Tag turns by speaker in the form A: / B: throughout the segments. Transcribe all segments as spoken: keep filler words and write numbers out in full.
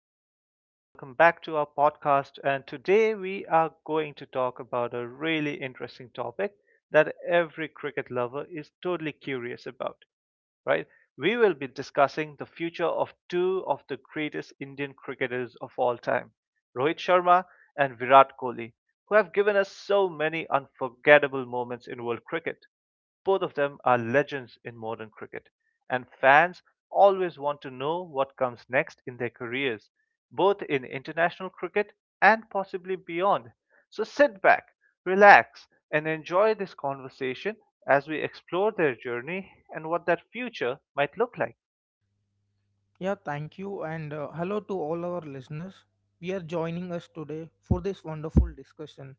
A: welcome back. Welcome back to our podcast. And today we are going to talk about a really interesting topic that every cricket lover is totally curious about, right? We will be discussing the future of two of the greatest Indian cricketers of all time, Rohit Sharma and Virat Kohli, who have given us so many unforgettable moments in world cricket. Both of them are legends in modern cricket, and fans always want to know what comes next in their careers, both in international cricket and possibly beyond. So sit back, relax, and enjoy this conversation as we explore their journey and what that future might look like.
B: Yeah, thank you, and uh, hello to all our listeners. We are joining us today for this wonderful discussion.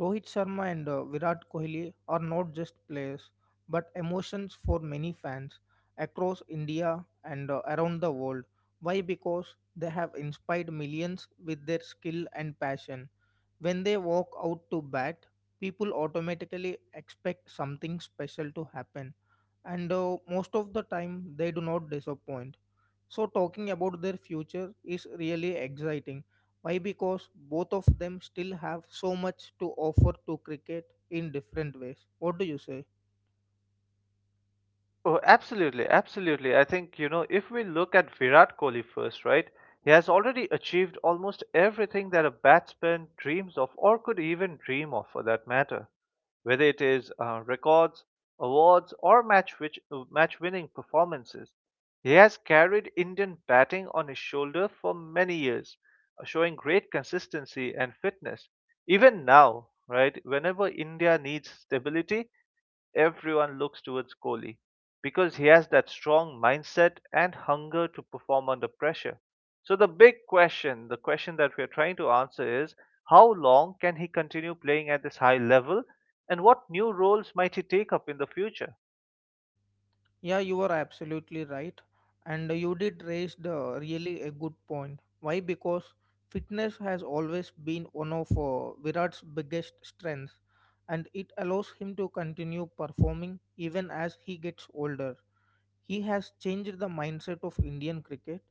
B: Rohit Sharma and uh, Virat Kohli are not just players, but emotions for many fans across India and uh, around the world. Why? Because they have inspired millions with their skill and passion. When they walk out to bat, people automatically expect something special to happen, and uh, most of the time, they do not disappoint so, talking about their future is really exciting. Why? Because both of them still have so much to offer to cricket in different ways. What do you say?
A: Oh, absolutely, absolutely. I think, you know, if we look at Virat Kohli first, right? He has already achieved almost everything that a batsman dreams of or could even dream of for that matter. Whether it is uh, records, awards, or match which uh, match winning performances, he has carried Indian batting on his shoulder for many years, uh, showing great consistency and fitness. Even now, right, whenever India needs stability, everyone looks towards Kohli because he has that strong mindset and hunger to perform under pressure. So, the big question, the question that we are trying to answer is how long can he continue playing at this high level and what new roles might he take up in the future?
B: Yeah, you are absolutely right. And you did raise the really a good point. Why? Because fitness has always been one of uh, Virat's biggest strengths and it allows him to continue performing even as he gets older. He has changed the mindset of Indian cricket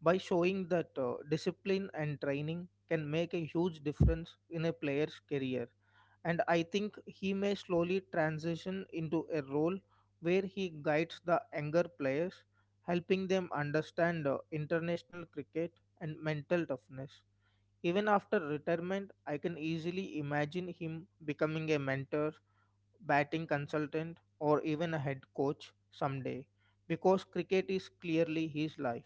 B: by showing that uh, discipline and training can make a huge difference in a player's career. And I think he may slowly transition into a role where he guides the younger players, helping them understand uh, international cricket and mental toughness. Even after retirement, I can easily imagine him becoming a mentor batting consultant, or even a head coach someday because cricket is clearly his life.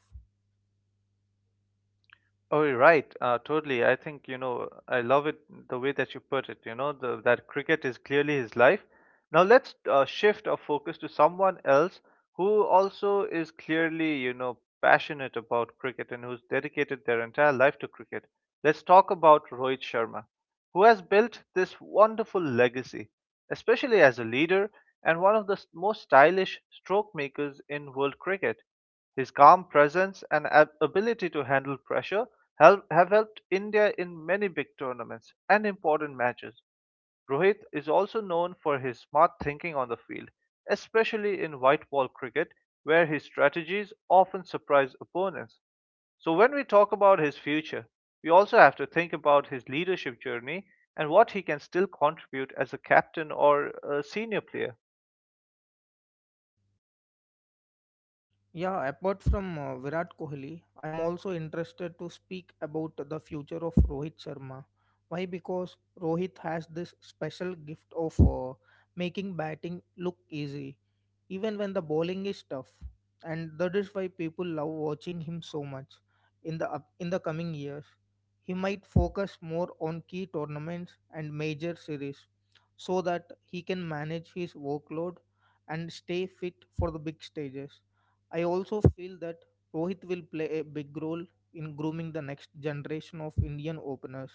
A: Oh, you're right. Uh, totally. I think, you know, I love it the way that you put it. You know, the, that cricket is clearly his life. Now let's uh, shift our focus to someone else who also is clearly, you know, passionate about cricket and who's dedicated their entire life to cricket. Let's talk about Rohit Sharma, who has built this wonderful legacy, especially as a leader and one of the s- most stylish stroke makers in world cricket. His calm presence and ab- ability to handle pressure help- have helped India in many big tournaments and important matches. Rohit is also known for his smart thinking on the field, especially in white ball cricket, where his strategies often surprise opponents. So, when we talk about his future, we also have to think about his leadership journey and what he can still contribute as a captain or a senior player.
B: Yeah, apart from uh, Virat Kohli, I'm also interested to speak about the future of Rohit Sharma. Why? Because Rohit has this special gift of uh, making batting look easy even when the bowling is tough and that is why people love watching him so much in the up, in the coming years he might focus more on key tournaments and major series so that he can manage his workload and stay fit for the big stages. I also feel that Rohit will play a big role in grooming the next generation of Indian openers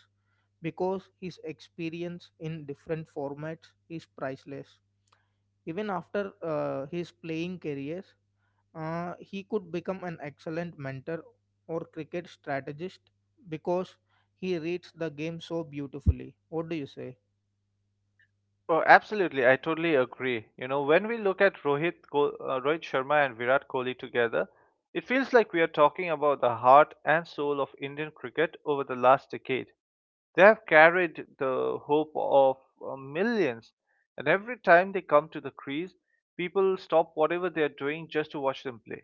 B: because his experience in different formats is priceless even after uh, his playing career, uh, he could become an excellent mentor or cricket strategist because he reads the game so beautifully. What do you say?
A: Oh, absolutely. I totally agree. You know, when we look at Rohit, Ko- uh, Rohit Sharma and Virat Kohli together, it feels like we are talking about the heart and soul of Indian cricket over the last decade. They have carried the hope of uh, millions, and every time they come to the crease, people stop whatever they are doing just to watch them play.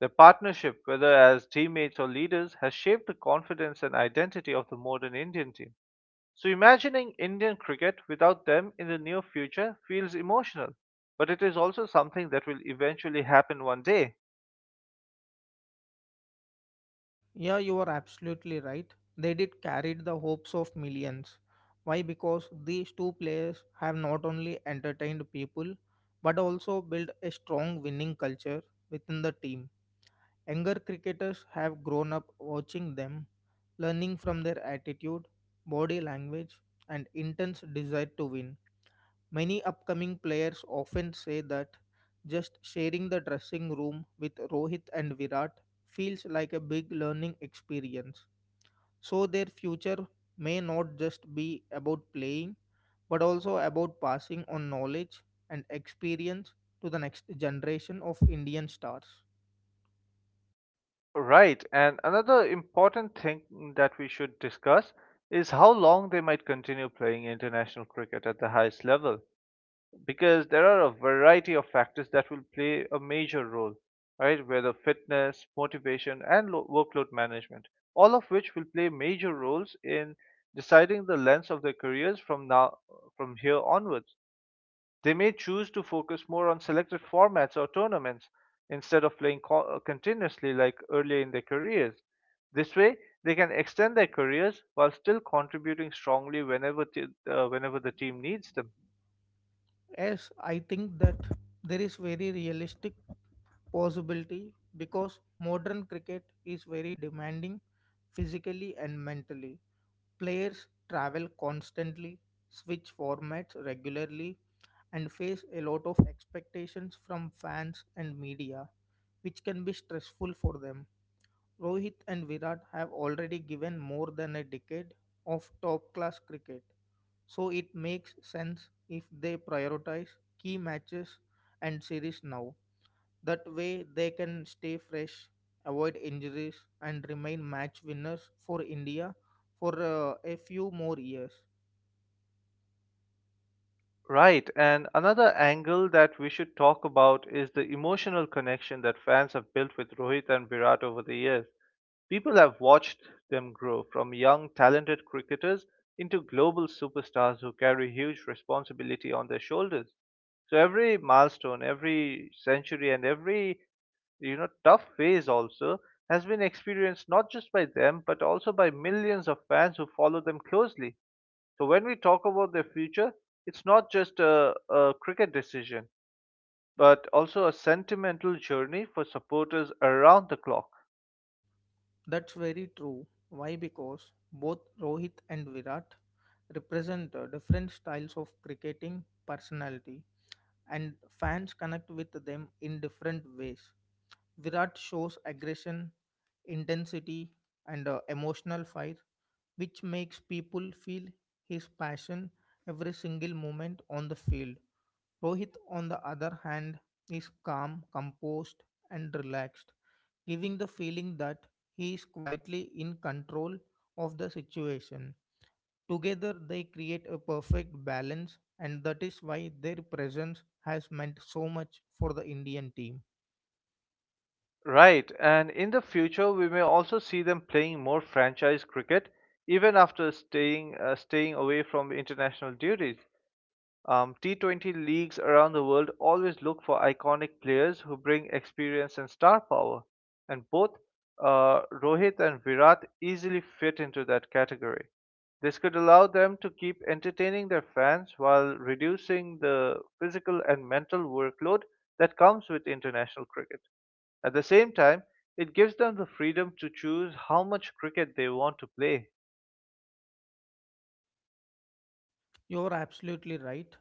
A: Their partnership, whether as teammates or leaders, has shaped the confidence and identity of the modern Indian team. So, imagining Indian cricket without them in the near future feels emotional, but it is also something that will eventually happen one day.
B: Yeah, you are absolutely right. They did carried the hopes of millions. Why? Because these two players have not only entertained people but also built a strong winning culture within the team. Younger cricketers have grown up watching them learning from their attitude, body language, and intense desire to win. Many upcoming players often say that just sharing the dressing room with Rohit and Virat feels like a big learning experience. So their future may not just be about playing but also about passing on knowledge and experience to the next generation of Indian stars.
A: Right, and another important thing that we should discuss is how long they might continue playing international cricket at the highest level, because there are a variety of factors that will play a major role, right? Whether fitness, motivation, and lo- workload management, all of which will play major roles in deciding the length of their careers from now from here onwards. They may choose to focus more on selected formats or tournaments instead of playing co- uh, continuously like earlier in their careers. This way, they can extend their careers while still contributing strongly whenever, t- uh, whenever the team needs them.
B: Yes, I think that there is very realistic possibility because modern cricket is very demanding physically and mentally. Players travel constantly, switch formats regularly, and face a lot of expectations from fans and media, which can be stressful for them. Rohit and Virat have already given more than a decade of top class cricket, so it makes sense if they prioritize key matches and series now. That way, they can stay fresh, avoid injuries, and remain match winners for India for uh, a few more years.
A: Right, and another angle that we should talk about is the emotional connection that fans have built with Rohit and Virat over the years. People have watched them grow from young, talented cricketers into global superstars who carry huge responsibility on their shoulders. So every milestone, every century, and every you know tough phase also has been experienced not just by them but also by millions of fans who follow them closely. So when we talk about their future, it's not just a, a cricket decision, but also a sentimental journey for supporters around the clock.
B: That's very true. Why? Because both Rohit and Virat represent uh, different styles of cricketing personality, and fans connect with them in different ways. Virat shows aggression, intensity, and uh, emotional fire, which makes people feel his passion every single moment on the field. Rohit, on the other hand, is calm, composed, and relaxed, giving the feeling that he is quietly in control of the situation. Together, they create a perfect balance, and that is why their presence has meant so much for the Indian team.
A: Right, and in the future we may also see them playing more franchise cricket even after staying uh, staying away from international duties. Um, T twenty leagues around the world always look for iconic players who bring experience and star power, and both uh, Rohit and Virat easily fit into that category. This could allow them to keep entertaining their fans while reducing the physical and mental workload that comes with international cricket. At the same time, it gives them the freedom to choose how much cricket they want to play.
B: You're absolutely right.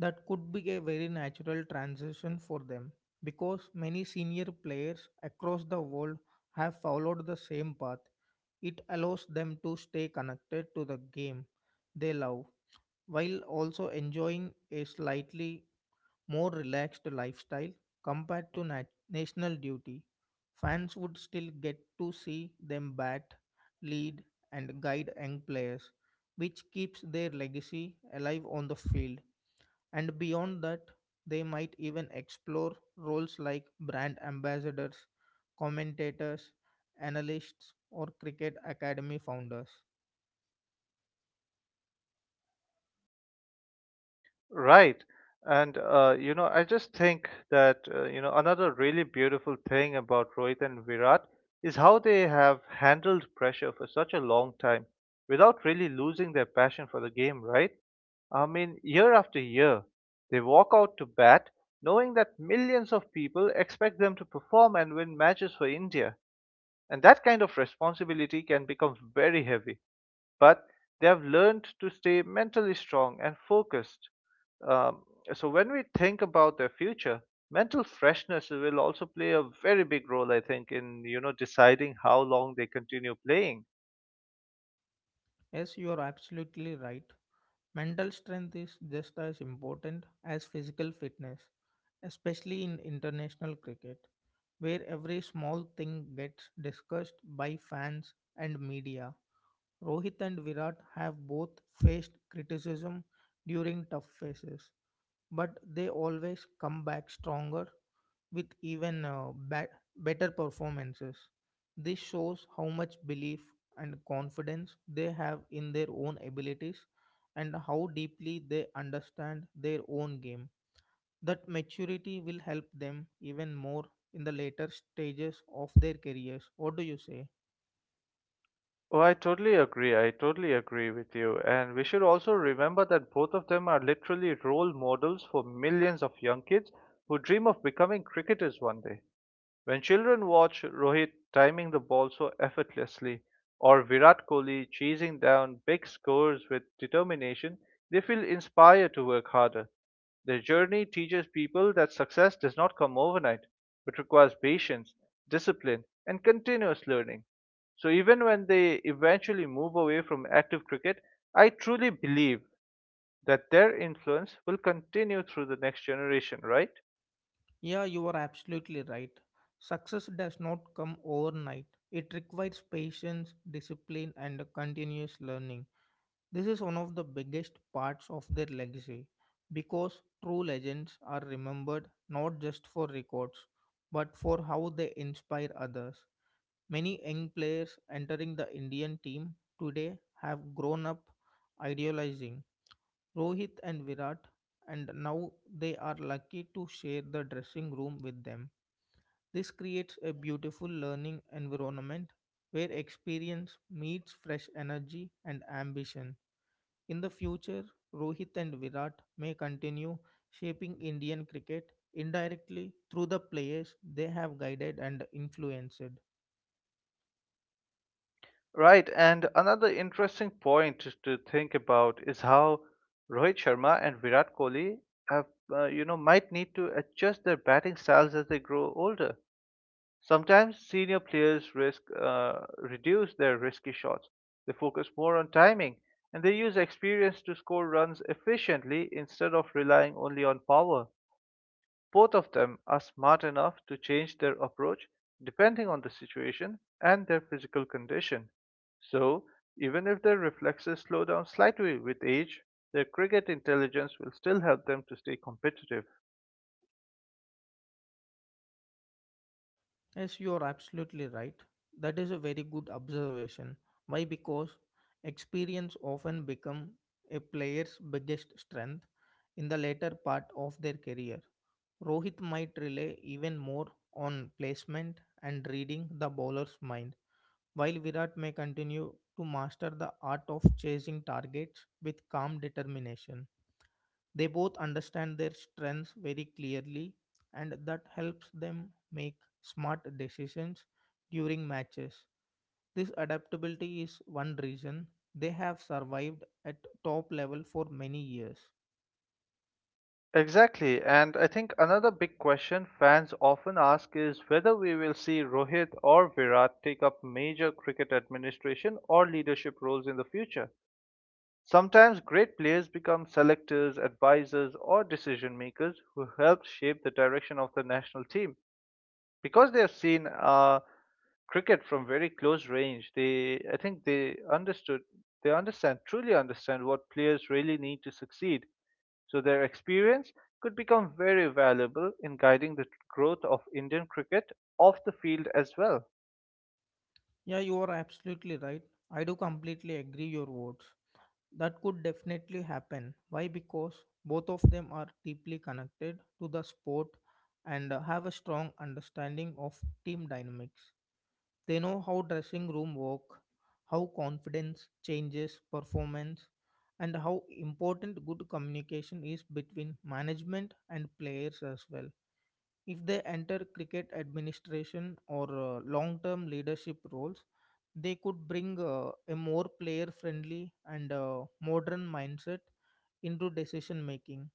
B: That could be a very natural transition for them because many senior players across the world have followed the same path. It allows them to stay connected to the game they love while also enjoying a slightly more relaxed lifestyle compared to nat- national duty. Fans would still get to see them bat, lead, and guide young players, which keeps their legacy alive on the field. And beyond that, they might even explore roles like brand ambassadors, commentators, analysts, or cricket academy founders.
A: Right. And, uh, you know, I just think that, uh, you know, another really beautiful thing about Rohit and Virat is how they have handled pressure for such a long time without really losing their passion for the game, right? I mean, year after year, they walk out to bat knowing that millions of people expect them to perform and win matches for India. And that kind of responsibility can become very heavy, but they have learned to stay mentally strong and focused. Um, so when we think about their future, mental freshness will also play a very big role, I think, in you know deciding how long they continue playing.
B: Yes, you are absolutely right. Mental strength is just as important as physical fitness, especially in international cricket, where every small thing gets discussed by fans and media. Rohit and Virat have both faced criticism during tough phases, but they always come back stronger with even uh, ba- better performances. This shows how much belief and confidence they have in their own abilities and how deeply they understand their own game. That maturity will help them even more in the later stages of their careers. What do you say?
A: Oh, I totally agree. I totally agree with you. And we should also remember that both of them are literally role models for millions of young kids who dream of becoming cricketers one day. When children watch Rohit timing the ball so effortlessly or Virat Kohli chasing down big scores with determination, they feel inspired to work harder. Their journey teaches people that success does not come overnight, but requires patience, discipline, and continuous learning. So even when they eventually move away from active cricket, I truly believe that their influence will continue through the next generation, right?
B: Yeah, you are absolutely right. Success does not come overnight. It requires patience, discipline, and continuous learning. This is one of the biggest parts of their legacy because true legends are remembered not just for records but for how they inspire others. Many young players entering the Indian team today have grown up idealizing Rohit and Virat, and now they are lucky to share the dressing room with them. This creates a beautiful learning environment where experience meets fresh energy and ambition. In the future, Rohit and Virat may continue shaping Indian cricket indirectly through the players they have guided and influenced.
A: Right, and another interesting point to to think about is how Rohit Sharma and Virat Kohli have, uh, you know, might need to adjust their batting styles as they grow older. Sometimes senior players risk uh, reduce their risky shots. They focus more on timing, and they use experience to score runs efficiently instead of relying only on power. Both of them are smart enough to change their approach depending on the situation and their physical condition. So, even if their reflexes slow down slightly with age, their cricket intelligence will still help them to stay competitive.
B: Yes, you are absolutely right. That is a very good observation. Why? Because experience often become a player's biggest strength in the later part of their career. Rohit might rely even more on placement and reading the bowler's mind, while Virat may continue to master the art of chasing targets with calm determination. They both understand their strengths very clearly, and that helps them make smart decisions during matches. This adaptability is one reason they have survived at top level for many years.
A: Exactly, and I think another big question fans often ask is whether we will see Rohit or Virat take up major cricket administration or leadership roles in the future. Sometimes great players become selectors, advisors, or decision makers who help shape the direction of the national team. Because they have seen uh, cricket from very close range, they I think they understood they understand truly understand what players really need to succeed. So their experience could become very valuable in guiding the growth of Indian cricket off the field as well.
B: Yeah, you are absolutely right. I do completely agree your words. That could definitely happen. Why? Because both of them are deeply connected to the sport and uh, have a strong understanding of team dynamics. They know how dressing room work, how confidence changes performance, and how important good communication is between management and players as well. If they enter cricket administration or uh, long term leadership roles, they could bring uh, a more player friendly and uh, modern mindset into decision making,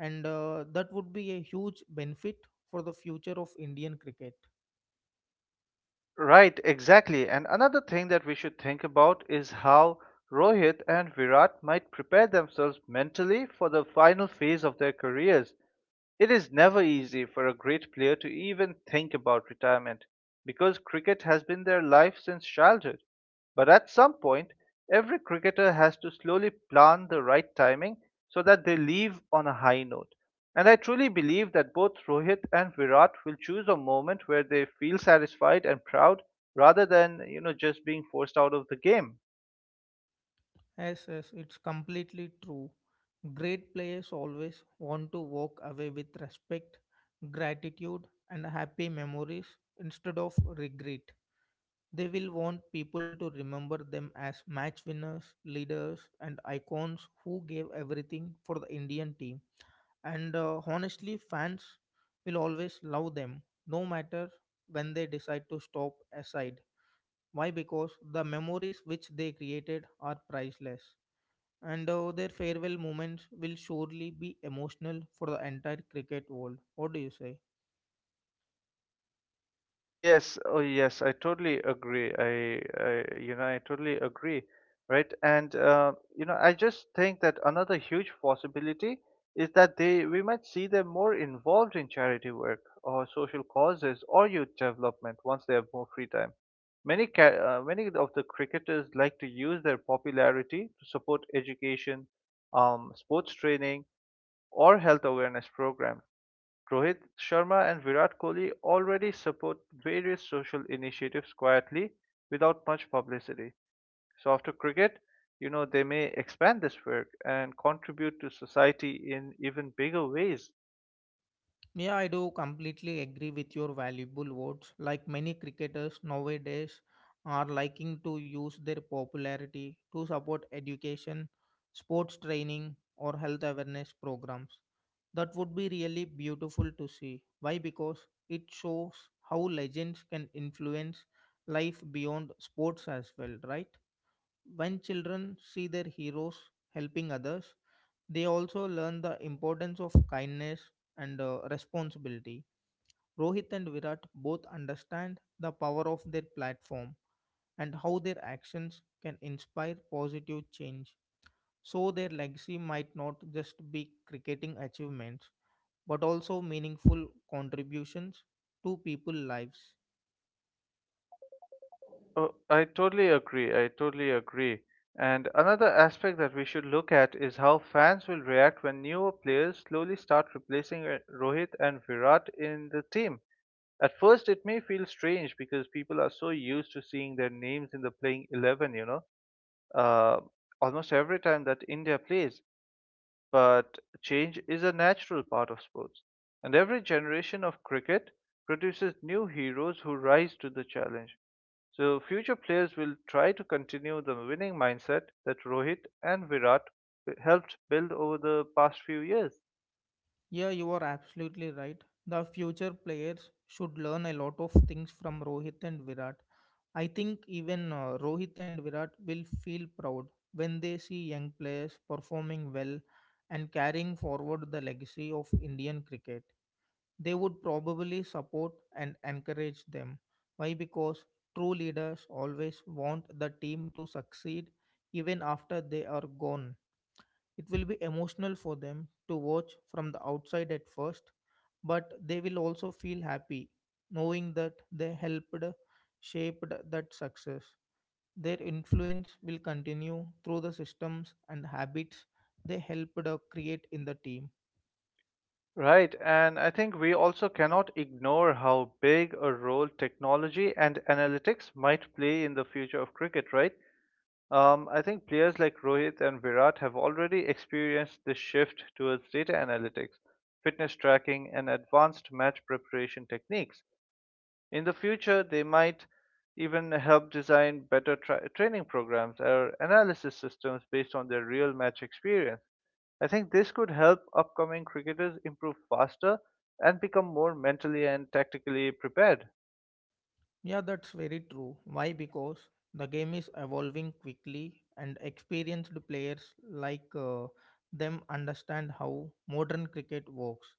B: and uh, that would be a huge benefit for the future of Indian cricket.
A: Right, exactly. And another thing that we should think about is how Rohit and Virat might prepare themselves mentally for the final phase of their careers. It is never easy for a great player to even think about retirement, because cricket has been their life since childhood. But at some point, every cricketer has to slowly plan the right timing so that they leave on a high note. And I truly believe that both Rohit and Virat will choose a moment where they feel satisfied and proud rather than, you know, just being forced out of the game.
B: Yes, yes, it's completely true. Great players always want to walk away with respect, gratitude, and happy memories instead of regret. They will want people to remember them as match winners, leaders, and icons who gave everything for the Indian team. And uh, honestly, fans will always love them, no matter when they decide to stop aside. Why? Because the memories which they created are priceless. And uh, their farewell moments will surely be emotional for the entire cricket world. What do you say?
A: Oh yes, oh yes, I totally agree. I, I you know, I totally agree, right? And uh, you know, I just think that another huge possibility is that they we might see them more involved in charity work or social causes or youth development once they have more free time. Many ca- uh, many of the cricketers like to use their popularity to support education, um, sports training, or health awareness programs. Rohit Sharma and Virat Kohli already support various social initiatives quietly without much publicity. So after cricket, you know, they may expand this work and contribute to society in even bigger ways.
B: Yeah, I do completely agree with your valuable words. Like many cricketers nowadays are liking to use their popularity to support education, sports training, or health awareness programs. That would be really beautiful to see. Why? Because it shows how legends can influence life beyond sports as well, right? When children see their heroes helping others, they also learn the importance of kindness and uh, responsibility. Rohit and Virat both understand the power of their platform and how their actions can inspire positive change. So, their legacy might not just be cricketing achievements but also meaningful contributions to people's lives.
A: Oh, I totally agree. I totally agree. And another aspect that we should look at is how fans will react when newer players slowly start replacing uh, Rohit and Virat in the team. At first, it may feel strange because people are so used to seeing their names in the playing eleven, you know, uh, almost every time that India plays. But change is a natural part of sports. And every generation of cricket produces new heroes who rise to the challenge. So, future players will try to continue the winning mindset that Rohit and Virat helped build over the past few years.
B: Yeah, you are absolutely right. The future players should learn a lot of things from Rohit and Virat. I think even uh, Rohit and Virat will feel proud when they see young players performing well and carrying forward the legacy of Indian cricket. They would probably support and encourage them. Why? Because true leaders always want the team to succeed even after they are gone. It will be emotional for them to watch from the outside at first, but they will also feel happy knowing that they helped shaped that success. Their influence will continue through the systems and habits they helped uh, create in the team.
A: Right, and I think we also cannot ignore how big a role technology and analytics might play in the future of cricket, right? Um, I think players like Rohit and Virat have already experienced this shift towards data analytics, fitness tracking, and advanced match preparation techniques. In the future, they might even help design better tra- training programs or analysis systems based on their real match experience. I think this could help upcoming cricketers improve faster and become more mentally and tactically prepared.
B: Yeah, that's very true. Why? Because the game is evolving quickly, and experienced players like uh, them understand how modern cricket works.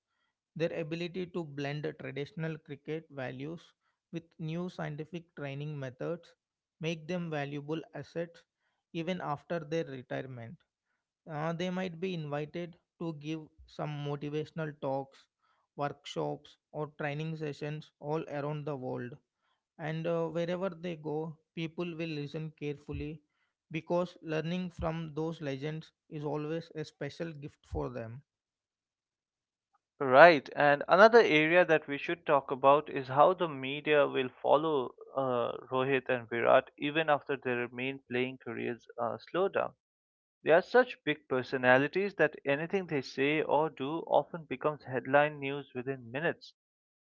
B: Their ability to blend traditional cricket values with new scientific training methods make them valuable assets even after their retirement. Uh, they might be invited to give some motivational talks, workshops, or training sessions all around the world. And uh, wherever they go, people will listen carefully because learning from those legends is always a special gift for them.
A: Right, and another area that we should talk about is how the media will follow uh, Rohit and Virat even after their main playing careers uh, slow down. They are such big personalities that anything they say or do often becomes headline news within minutes,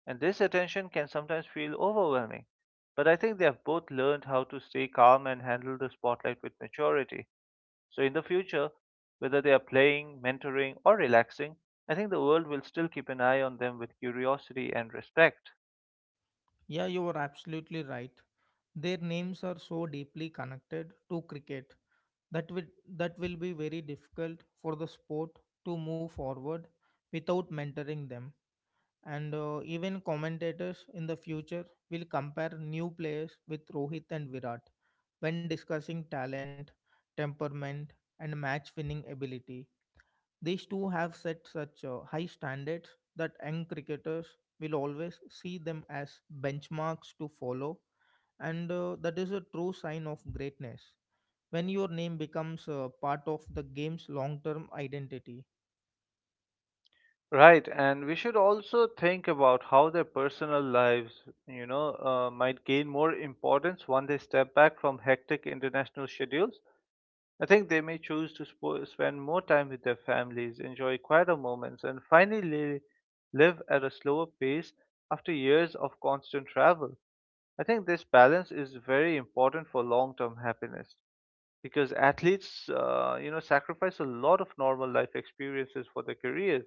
A: and this attention can sometimes feel overwhelming. But I think they have both learned how to stay calm and handle the spotlight with maturity. So, in the future, whether they are playing, mentoring, or relaxing, I think the world will still keep an eye on them with curiosity and respect.
B: Yeah, you are absolutely right. Their names are so deeply connected to cricket that will, that will be very difficult for the sport to move forward without mentoring them. And uh, even commentators in the future will compare new players with Rohit and Virat when discussing talent, temperament, and match winning ability. These two have set such uh, high standards that young cricketers will always see them as benchmarks to follow, and uh, that is a true sign of greatness when your name becomes uh, part of the game's long term identity.
A: Right, and we should also think about how their personal lives, you know, uh, might gain more importance when they step back from hectic international schedules. I think they may choose to spo- spend more time with their families, enjoy quieter moments, and finally live at a slower pace after years of constant travel. I think this balance is very important for long-term happiness because athletes, uh, you know, sacrifice a lot of normal life experiences for their careers.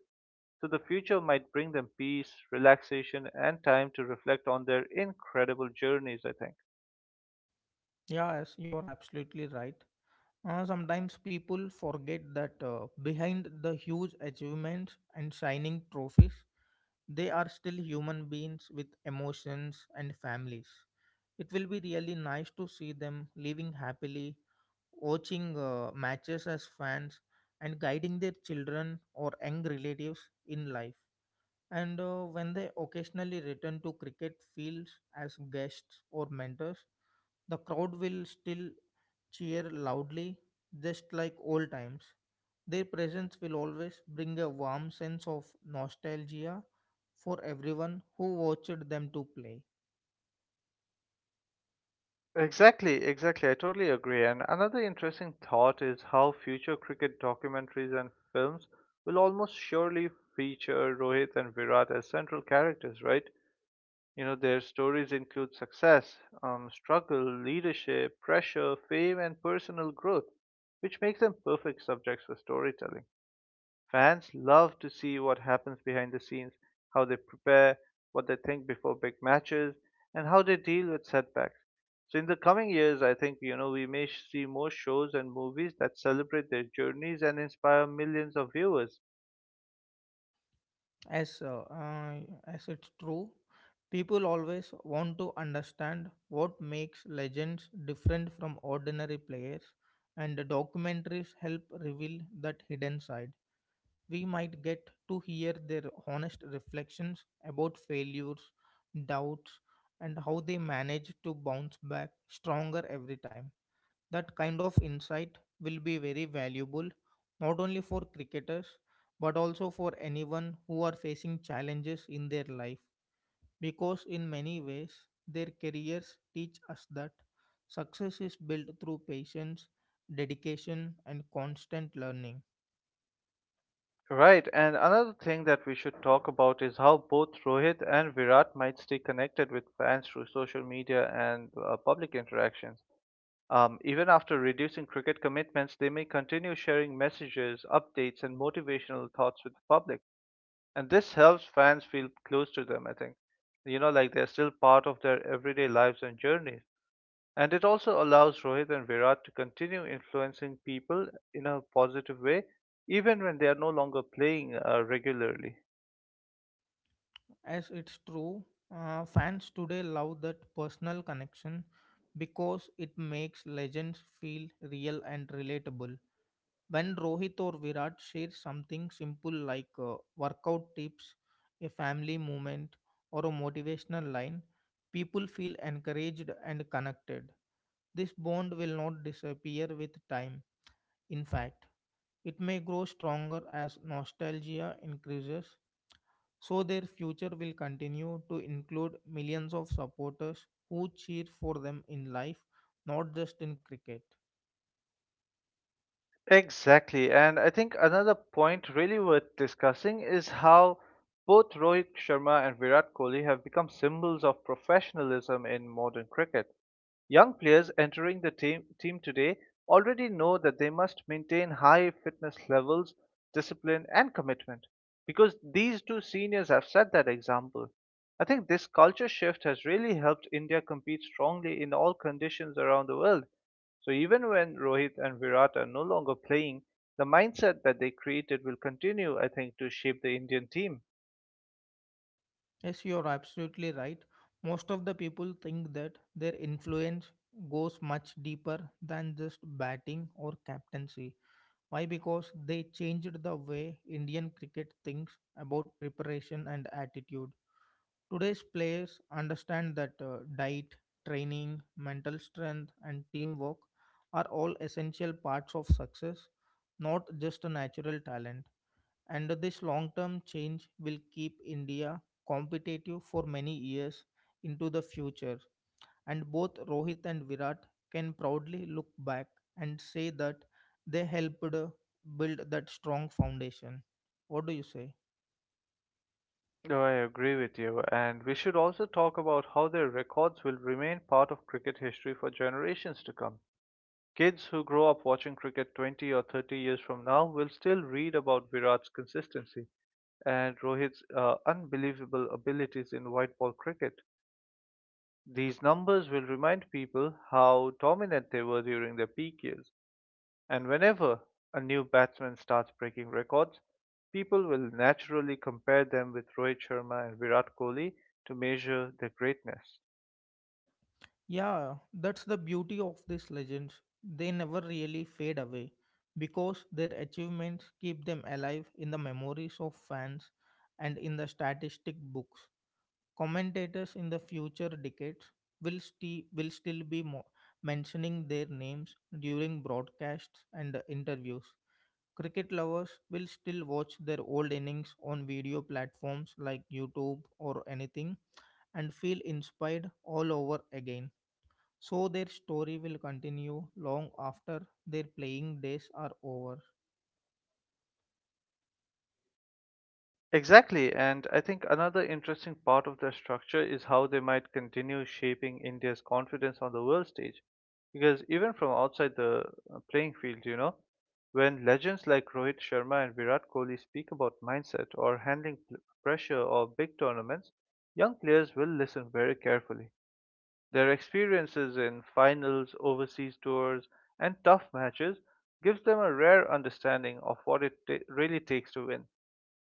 A: So the future might bring them peace, relaxation, and time to reflect on their incredible journeys, I think.
B: Yeah, yes, you are absolutely right. Uh, sometimes people forget that uh, behind the huge achievements and shining trophies, they are still human beings with emotions and families. It will be really nice to see them living happily, watching uh, matches as fans, and guiding their children or young relatives in life. And uh, when they occasionally return to cricket fields as guests or mentors, the crowd will still cheer loudly, just like old times. Their presence will always bring a warm sense of nostalgia for everyone who watched them to play.
A: Exactly, exactly. I totally agree. And another interesting thought is how future cricket documentaries and films will almost surely feature Rohit and Virat as central characters, right? You know, their stories include success, um, struggle, leadership, pressure, fame, and personal growth, which makes them perfect subjects for storytelling. Fans love to see what happens behind the scenes, how they prepare, what they think before big matches, and how they deal with setbacks. So in the coming years, I think you know we may see more shows and movies that celebrate their journeys and inspire millions of viewers.
B: As, uh, uh, as it's true, people always want to understand what makes legends different from ordinary players, and documentaries help reveal that hidden side. We might get to hear their honest reflections about failures, doubts, and how they manage to bounce back stronger every time. That kind of insight will be very valuable not only for cricketers but also for anyone who are facing challenges in their life because in many ways their careers teach us that success is built through patience, dedication, and constant learning.
A: Right, and another thing that we should talk about is how both Rohit and Virat might stay connected with fans through social media and uh, public interactions. Um, even after reducing cricket commitments, they may continue sharing messages, updates, and motivational thoughts with the public. And this helps fans feel close to them, I think. You know, like they're still part of their everyday lives and journeys. And it also allows Rohit and Virat to continue influencing people in a positive way, even when they are no longer playing uh, regularly.
B: As it's true, uh, fans today love that personal connection because it makes legends feel real and relatable. When Rohit or Virat shares something simple like uh, workout tips, a family moment, or a motivational line, people feel encouraged and connected. This bond will not disappear with time. In fact, it may grow stronger as nostalgia increases, so their future will continue to include millions of supporters who cheer for them in life, not just in cricket.
A: Exactly. And I think another point really worth discussing is how both Rohit Sharma and Virat Kohli have become symbols of professionalism in modern cricket. Young players entering the team, team today already know that they must maintain high fitness levels, discipline, and commitment because these two seniors have set that example. I think this culture shift has really helped India compete strongly in all conditions around the world. So even when Rohit and Virat are no longer playing, the mindset that they created will continue, I think, to shape the Indian team.
B: Yes, you're absolutely right. Most of the people think that their influence goes much deeper than just batting or captaincy. Why? Because they changed the way Indian cricket thinks about preparation and attitude. Today's players understand that uh, diet, training, mental strength, and teamwork are all essential parts of success, not just a natural talent. And this long term change will keep India competitive for many years into the future. And both Rohit and Virat can proudly look back and say that they helped uh, build that strong foundation. What do you say?
A: No, I agree with you, and we should also talk about how their records will remain part of cricket history for generations to come. Kids who grow up watching cricket twenty or thirty years from now will still read about Virat's consistency and Rohit's uh, unbelievable abilities in white ball cricket. These numbers will remind people how dominant they were during their peak years. And whenever a new batsman starts breaking records, people will naturally compare them with Rohit Sharma and Virat Kohli to measure their greatness.
B: Yeah, that's the beauty of these legends. They never really fade away because their achievements keep them alive in the memories of fans and in the statistic books. Commentators in the future decades will, sti- will still be mo- mentioning their names during broadcasts and interviews. Cricket lovers will still watch their old innings on video platforms like YouTube or anything and feel inspired all over again. So their story will continue long after their playing days are over.
A: Exactly, and I think another interesting part of their structure is how they might continue shaping India's confidence on the world stage. Because even from outside the uh, playing field, you know, when legends like Rohit Sharma and Virat Kohli speak about mindset or handling pl- pressure or big tournaments, young players will listen very carefully. Their experiences in finals, overseas tours, and tough matches gives them a rare understanding of what it ta- really takes to win.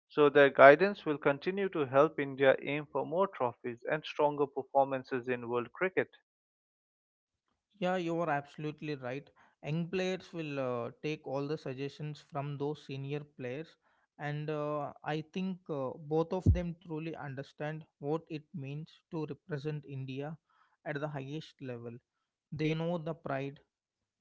A: So their guidance will continue to help India aim for more trophies and stronger performances in world cricket.
B: Yeah, you are absolutely right. Young players will uh, take all the suggestions from those senior players, and uh, I think uh, both of them truly understand what it means to represent India at the highest level. They know the pride,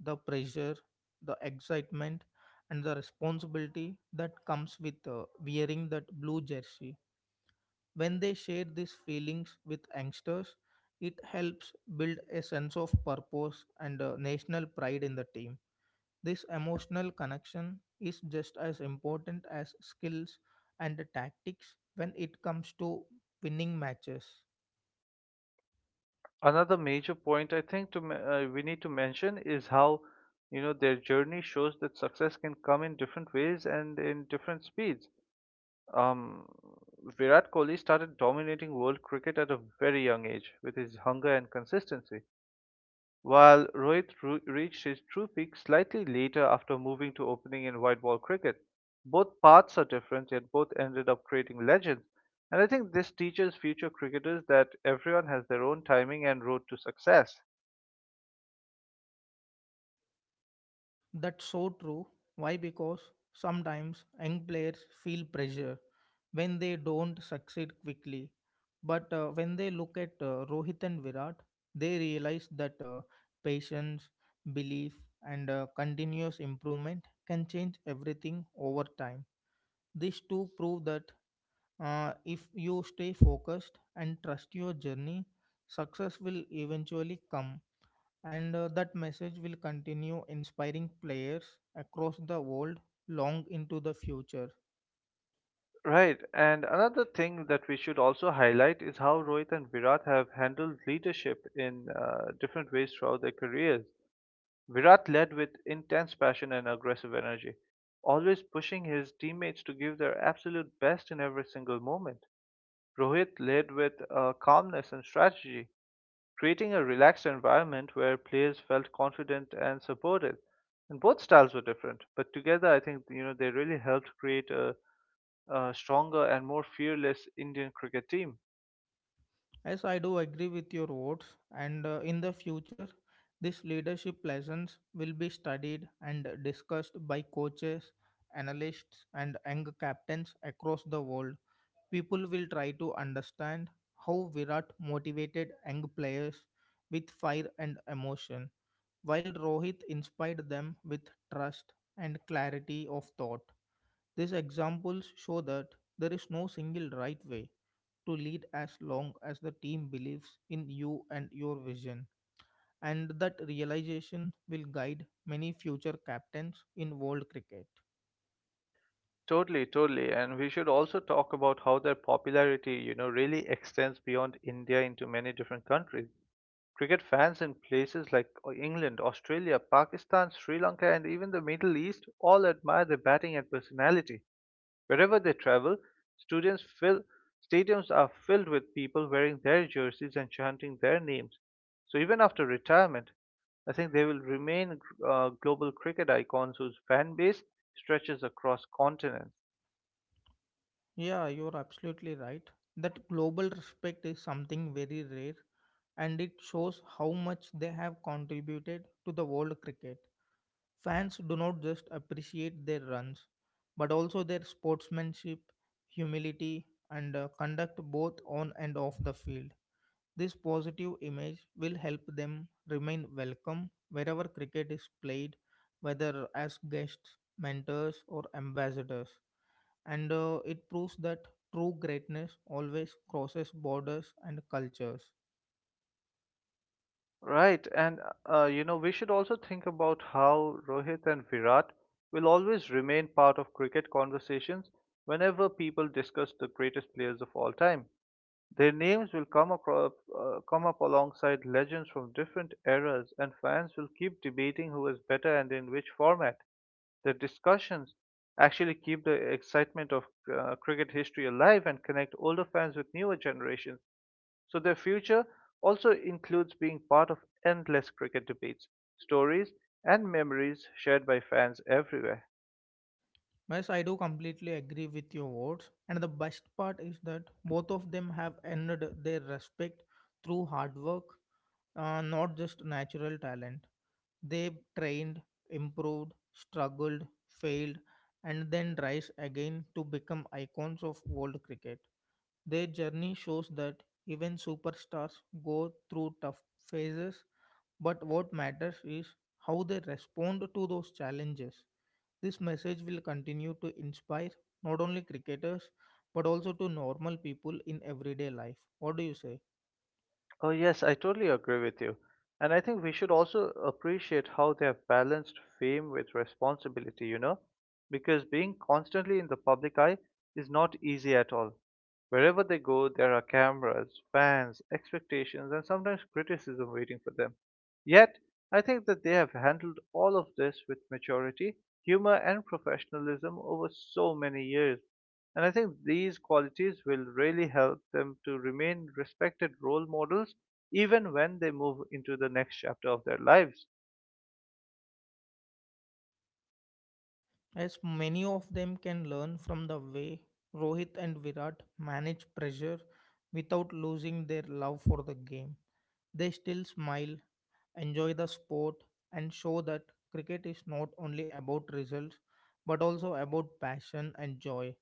B: the pressure, the excitement, and the responsibility that comes with uh, wearing that blue jersey. When they share these feelings with youngsters, it helps build a sense of purpose and uh, national pride in the team. This emotional connection is just as important as skills and tactics when it comes to winning matches.
A: Another major point I think to, me- uh, we need to mention is how you know their journey shows that success can come in different ways and in different speeds. Um, Virat Kohli started dominating world cricket at a very young age with his hunger and consistency, while Rohit ru- reached his true peak slightly later after moving to opening in white ball cricket. Both paths are different, yet both ended up creating legends. And I think this teaches future cricketers that everyone has their own timing and road to success.
B: That's so true. Why? Because sometimes young players feel pressure when they don't succeed quickly. But uh, when they look at uh, Rohit and Virat, they realize that uh, patience, belief, and uh, continuous improvement can change everything over time. These two prove that uh, if you stay focused and trust your journey, success will eventually come, and uh, that message will continue inspiring players across the world long into the future.
A: Right, and another thing that we should also highlight is how Rohit and Virat have handled leadership in uh, different ways throughout their careers. Virat led with intense passion and aggressive energy, always pushing his teammates to give their absolute best in every single moment. Rohit led with uh, calmness and strategy, creating a relaxed environment where players felt confident and supported. And both styles were different, but together I think you know they really helped create a, a stronger and more fearless Indian cricket team.
B: Yes, I do agree with your words, and uh, in the future, this leadership lessons will be studied and discussed by coaches, analysts, and young captains across the world. People will try to understand how Virat motivated young players with fire and emotion, while Rohit inspired them with trust and clarity of thought. These examples show that there is no single right way to lead as long as the team believes in you and your vision, and that realization will guide many future captains in world cricket.
A: Totally, totally. And we should also talk about how their popularity, you know, really extends beyond India into many different countries. Cricket fans in places like uh, England, Australia, Pakistan, Sri Lanka, and even the Middle East all admire their batting and personality. Wherever they travel, students fill, stadiums are filled with people wearing their jerseys and chanting their names. So even after retirement, I think they will remain uh, global cricket icons whose fan base stretches across continents.
B: Yeah, you're absolutely right. That global respect is something very rare, and it shows how much they have contributed to the world cricket. Fans do not just appreciate their runs, but also their sportsmanship, humility, and uh, conduct both on and off the field. This positive image will help them remain welcome wherever cricket is played, whether as guests, mentors, or ambassadors. And uh, it proves that true greatness always crosses borders and cultures.
A: Right, and uh, you know, we should also think about how Rohit and Virat will always remain part of cricket conversations whenever people discuss the greatest players of all time. Their names will come across, uh, come up alongside legends from different eras, and fans will keep debating who is better and in which format. The discussions actually keep the excitement of uh, cricket history alive and connect older fans with newer generations. So their future also includes being part of endless cricket debates, stories, and memories shared by fans everywhere.
B: Yes, I do completely agree with your words. And the best part is that both of them have earned their respect through hard work, uh, not just natural talent. They trained, improved, struggled, failed, and then rise again to become icons of world cricket. Their journey shows that even superstars go through tough phases, but what matters is how they respond to those challenges. This message will continue to inspire not only cricketers but also to normal people in everyday life. What do you say?
A: Oh, yes, I totally agree with you. And I think we should also appreciate how they have balanced fame with responsibility, you know? Because being constantly in the public eye is not easy at all. Wherever they go, there are cameras, fans, expectations, and sometimes criticism waiting for them. Yet, I think that they have handled all of this with maturity, humor, and professionalism over so many years. And I think these qualities will really help them to remain respected role models even when they move into the next chapter of their lives.
B: As many of them can learn from the way Rohit and Virat manage pressure without losing their love for the game. They still smile, enjoy the sport, and show that cricket is not only about results but also about passion and joy.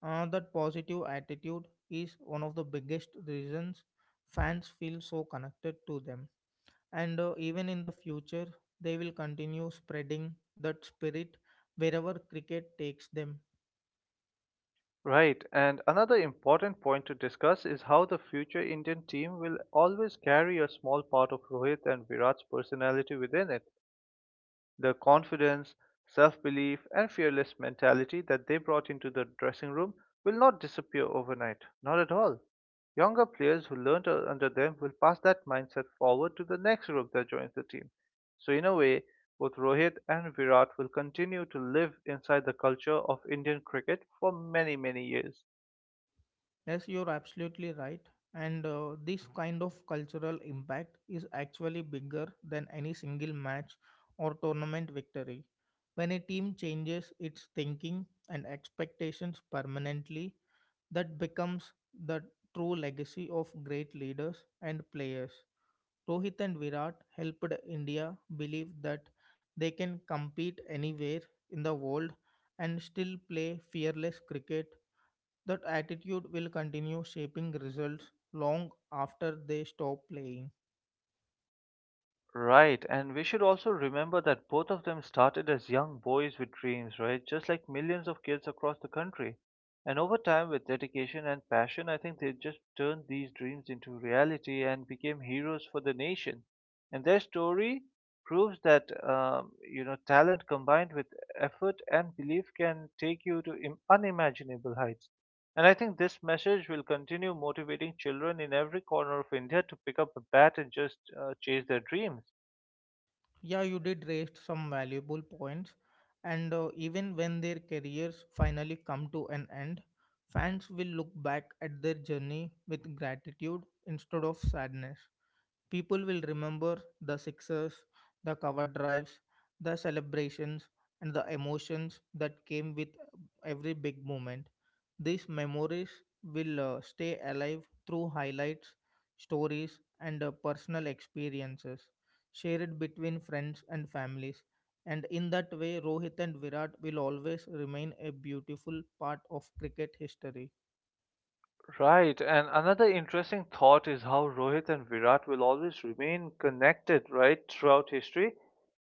B: Uh, that positive attitude is one of the biggest reasons fans feel so connected to them. And uh, even in the future, they will continue spreading that spirit wherever cricket takes them.
A: Right, and another important point to discuss is how the future Indian team will always carry a small part of Rohit and Virat's personality within it. The confidence, self belief, and fearless mentality that they brought into the dressing room will not disappear overnight. Not at all. Younger players who learned u- under them will pass that mindset forward to the next group that joins the team. So, in a way, both Rohit and Virat will continue to live inside the culture of Indian cricket for many, many years.
B: Yes, you're absolutely right. And uh, this kind of cultural impact is actually bigger than any single match or tournament victory. When a team changes its thinking and expectations permanently, that becomes the true legacy of great leaders and players. Rohit and Virat helped India believe that they can compete anywhere in the world and still play fearless cricket. That attitude will continue shaping results long after they stop playing.
A: Right, and we should also remember that both of them started as young boys with dreams, right? Just like millions of kids across the country. And over time, with dedication and passion, I think they just turned these dreams into reality and became heroes for the nation. And their story proves that, um, you know, talent combined with effort and belief can take you to Im- unimaginable heights. And I think this message will continue motivating children in every corner of India to pick up a bat and just uh, chase their dreams.
B: Yeah, you did raise some valuable points, and uh, even when their careers finally come to an end, fans will look back at their journey with gratitude instead of sadness. People will remember the sixers, the cover drives, the celebrations, and the emotions that came with every big moment. These memories will uh, stay alive through highlights, stories, and uh, personal experiences shared between friends and families. And in that way, Rohit and Virat will always remain a beautiful part of cricket history.
A: Right, and another interesting thought is how Rohit and Virat will always remain connected, right, throughout history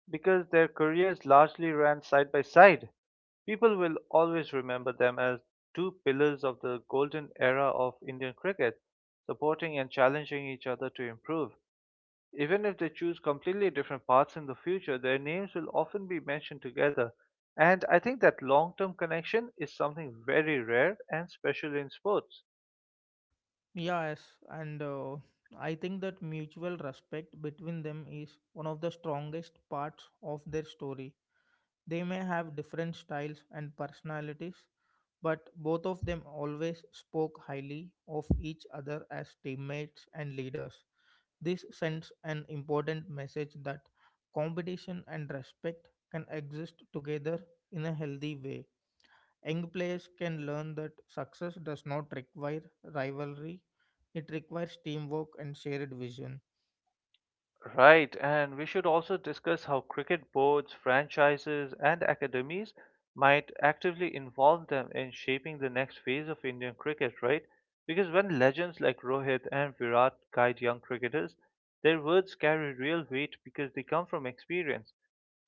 A: because their careers largely ran side by side. People will always remember them as two pillars of the golden era of Indian cricket, supporting and challenging each other to improve. Even if they choose completely different paths in the future, their names will often be mentioned together. And I think that long term connection is something very rare and special in sports.
B: Yes, and uh, I think that mutual respect between them is one of the strongest parts of their story. They may have different styles and personalities, but both of them always spoke highly of each other as teammates and leaders. This sends an important message that competition and respect can exist together in a healthy way. Young players can learn that success does not require rivalry, it requires teamwork and shared vision.
A: Right, and we should also discuss how cricket boards, franchises, and academies might actively involve them in shaping the next phase of Indian cricket, right? Because when legends like Rohit and Virat guide young cricketers, their words carry real weight because they come from experience.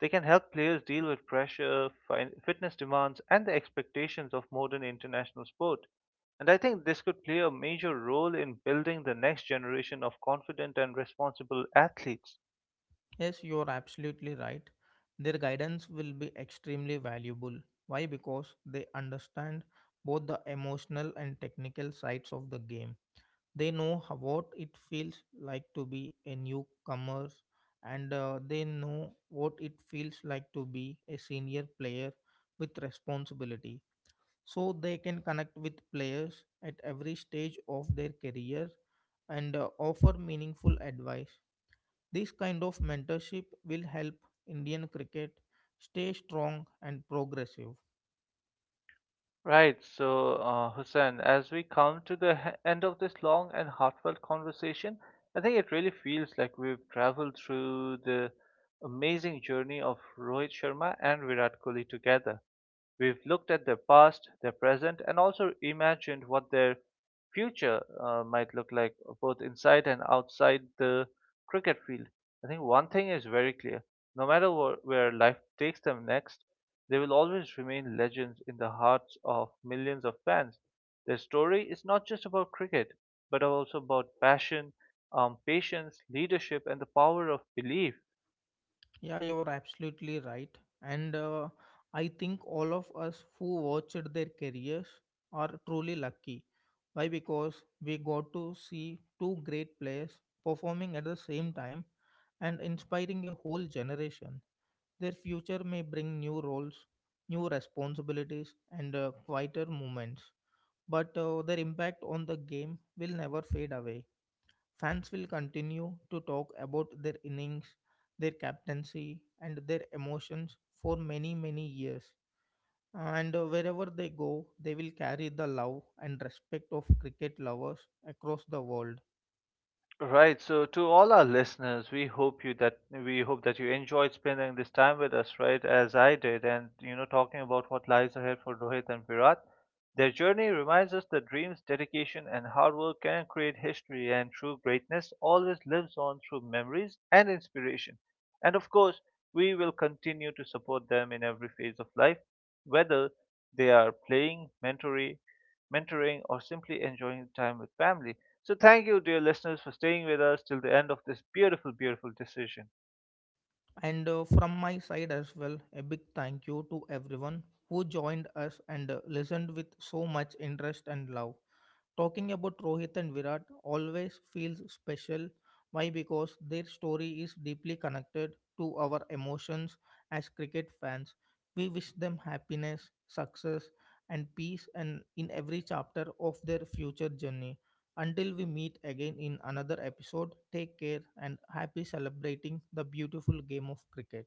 A: They can help players deal with pressure, fin- fitness demands, and the expectations of modern international sport. And I think this could play a major role in building the next generation of confident and responsible athletes.
B: Yes, you're absolutely right. Their guidance will be extremely valuable. Why? Because they understand both the emotional and technical sides of the game. They know how, what it feels like to be a newcomer, and uh, they know what it feels like to be a senior player with responsibility, so they can connect with players at every stage of their career and uh, offer meaningful advice. This kind of mentorship will help Indian cricket stay strong and progressive.
A: Right, so uh, Hussein, as we come to the he- end of this long and heartfelt conversation, I think it really feels like we've traveled through the amazing journey of Rohit Sharma and Virat Kohli together. We've looked at their past, their present, and also imagined what their future uh, might look like, both inside and outside the cricket field. I think one thing is very clear: no matter wh- where life takes them next, they will always remain legends in the hearts of millions of fans. Their story is not just about cricket, but also about passion, um, patience, leadership, and the power of belief.
B: Yeah, you're absolutely right. And uh, I think all of us who watched their careers are truly lucky. Why? Because we got to see two great players performing at the same time and inspiring a whole generation. Their future may bring new roles, new responsibilities, and uh, quieter moments, but uh, their impact on the game will never fade away. Fans will continue to talk about their innings, their captaincy, and their emotions for many, many years. And uh, wherever they go, they will carry the love and respect of cricket lovers across the world.
A: Right. So to all our listeners, we hope you that we hope that you enjoyed spending this time with us, right, as I did, and you know, talking about what lies ahead for Rohit and Virat. Their journey reminds us that dreams, dedication, and hard work can create history, and true greatness always lives on through memories and inspiration. And of course, we will continue to support them in every phase of life, whether they are playing, mentoring, mentoring, or simply enjoying time with family. So, thank you, dear listeners, for staying with us till the end of this beautiful, beautiful decision.
B: And uh, from my side as well, a big thank you to everyone who joined us and uh, listened with so much interest and love. Talking about Rohit and Virat always feels special. Why? Because their story is deeply connected to our emotions as cricket fans. We wish them happiness, success, and peace and in every chapter of their future journey. Until we meet again in another episode, take care and happy celebrating the beautiful game of cricket.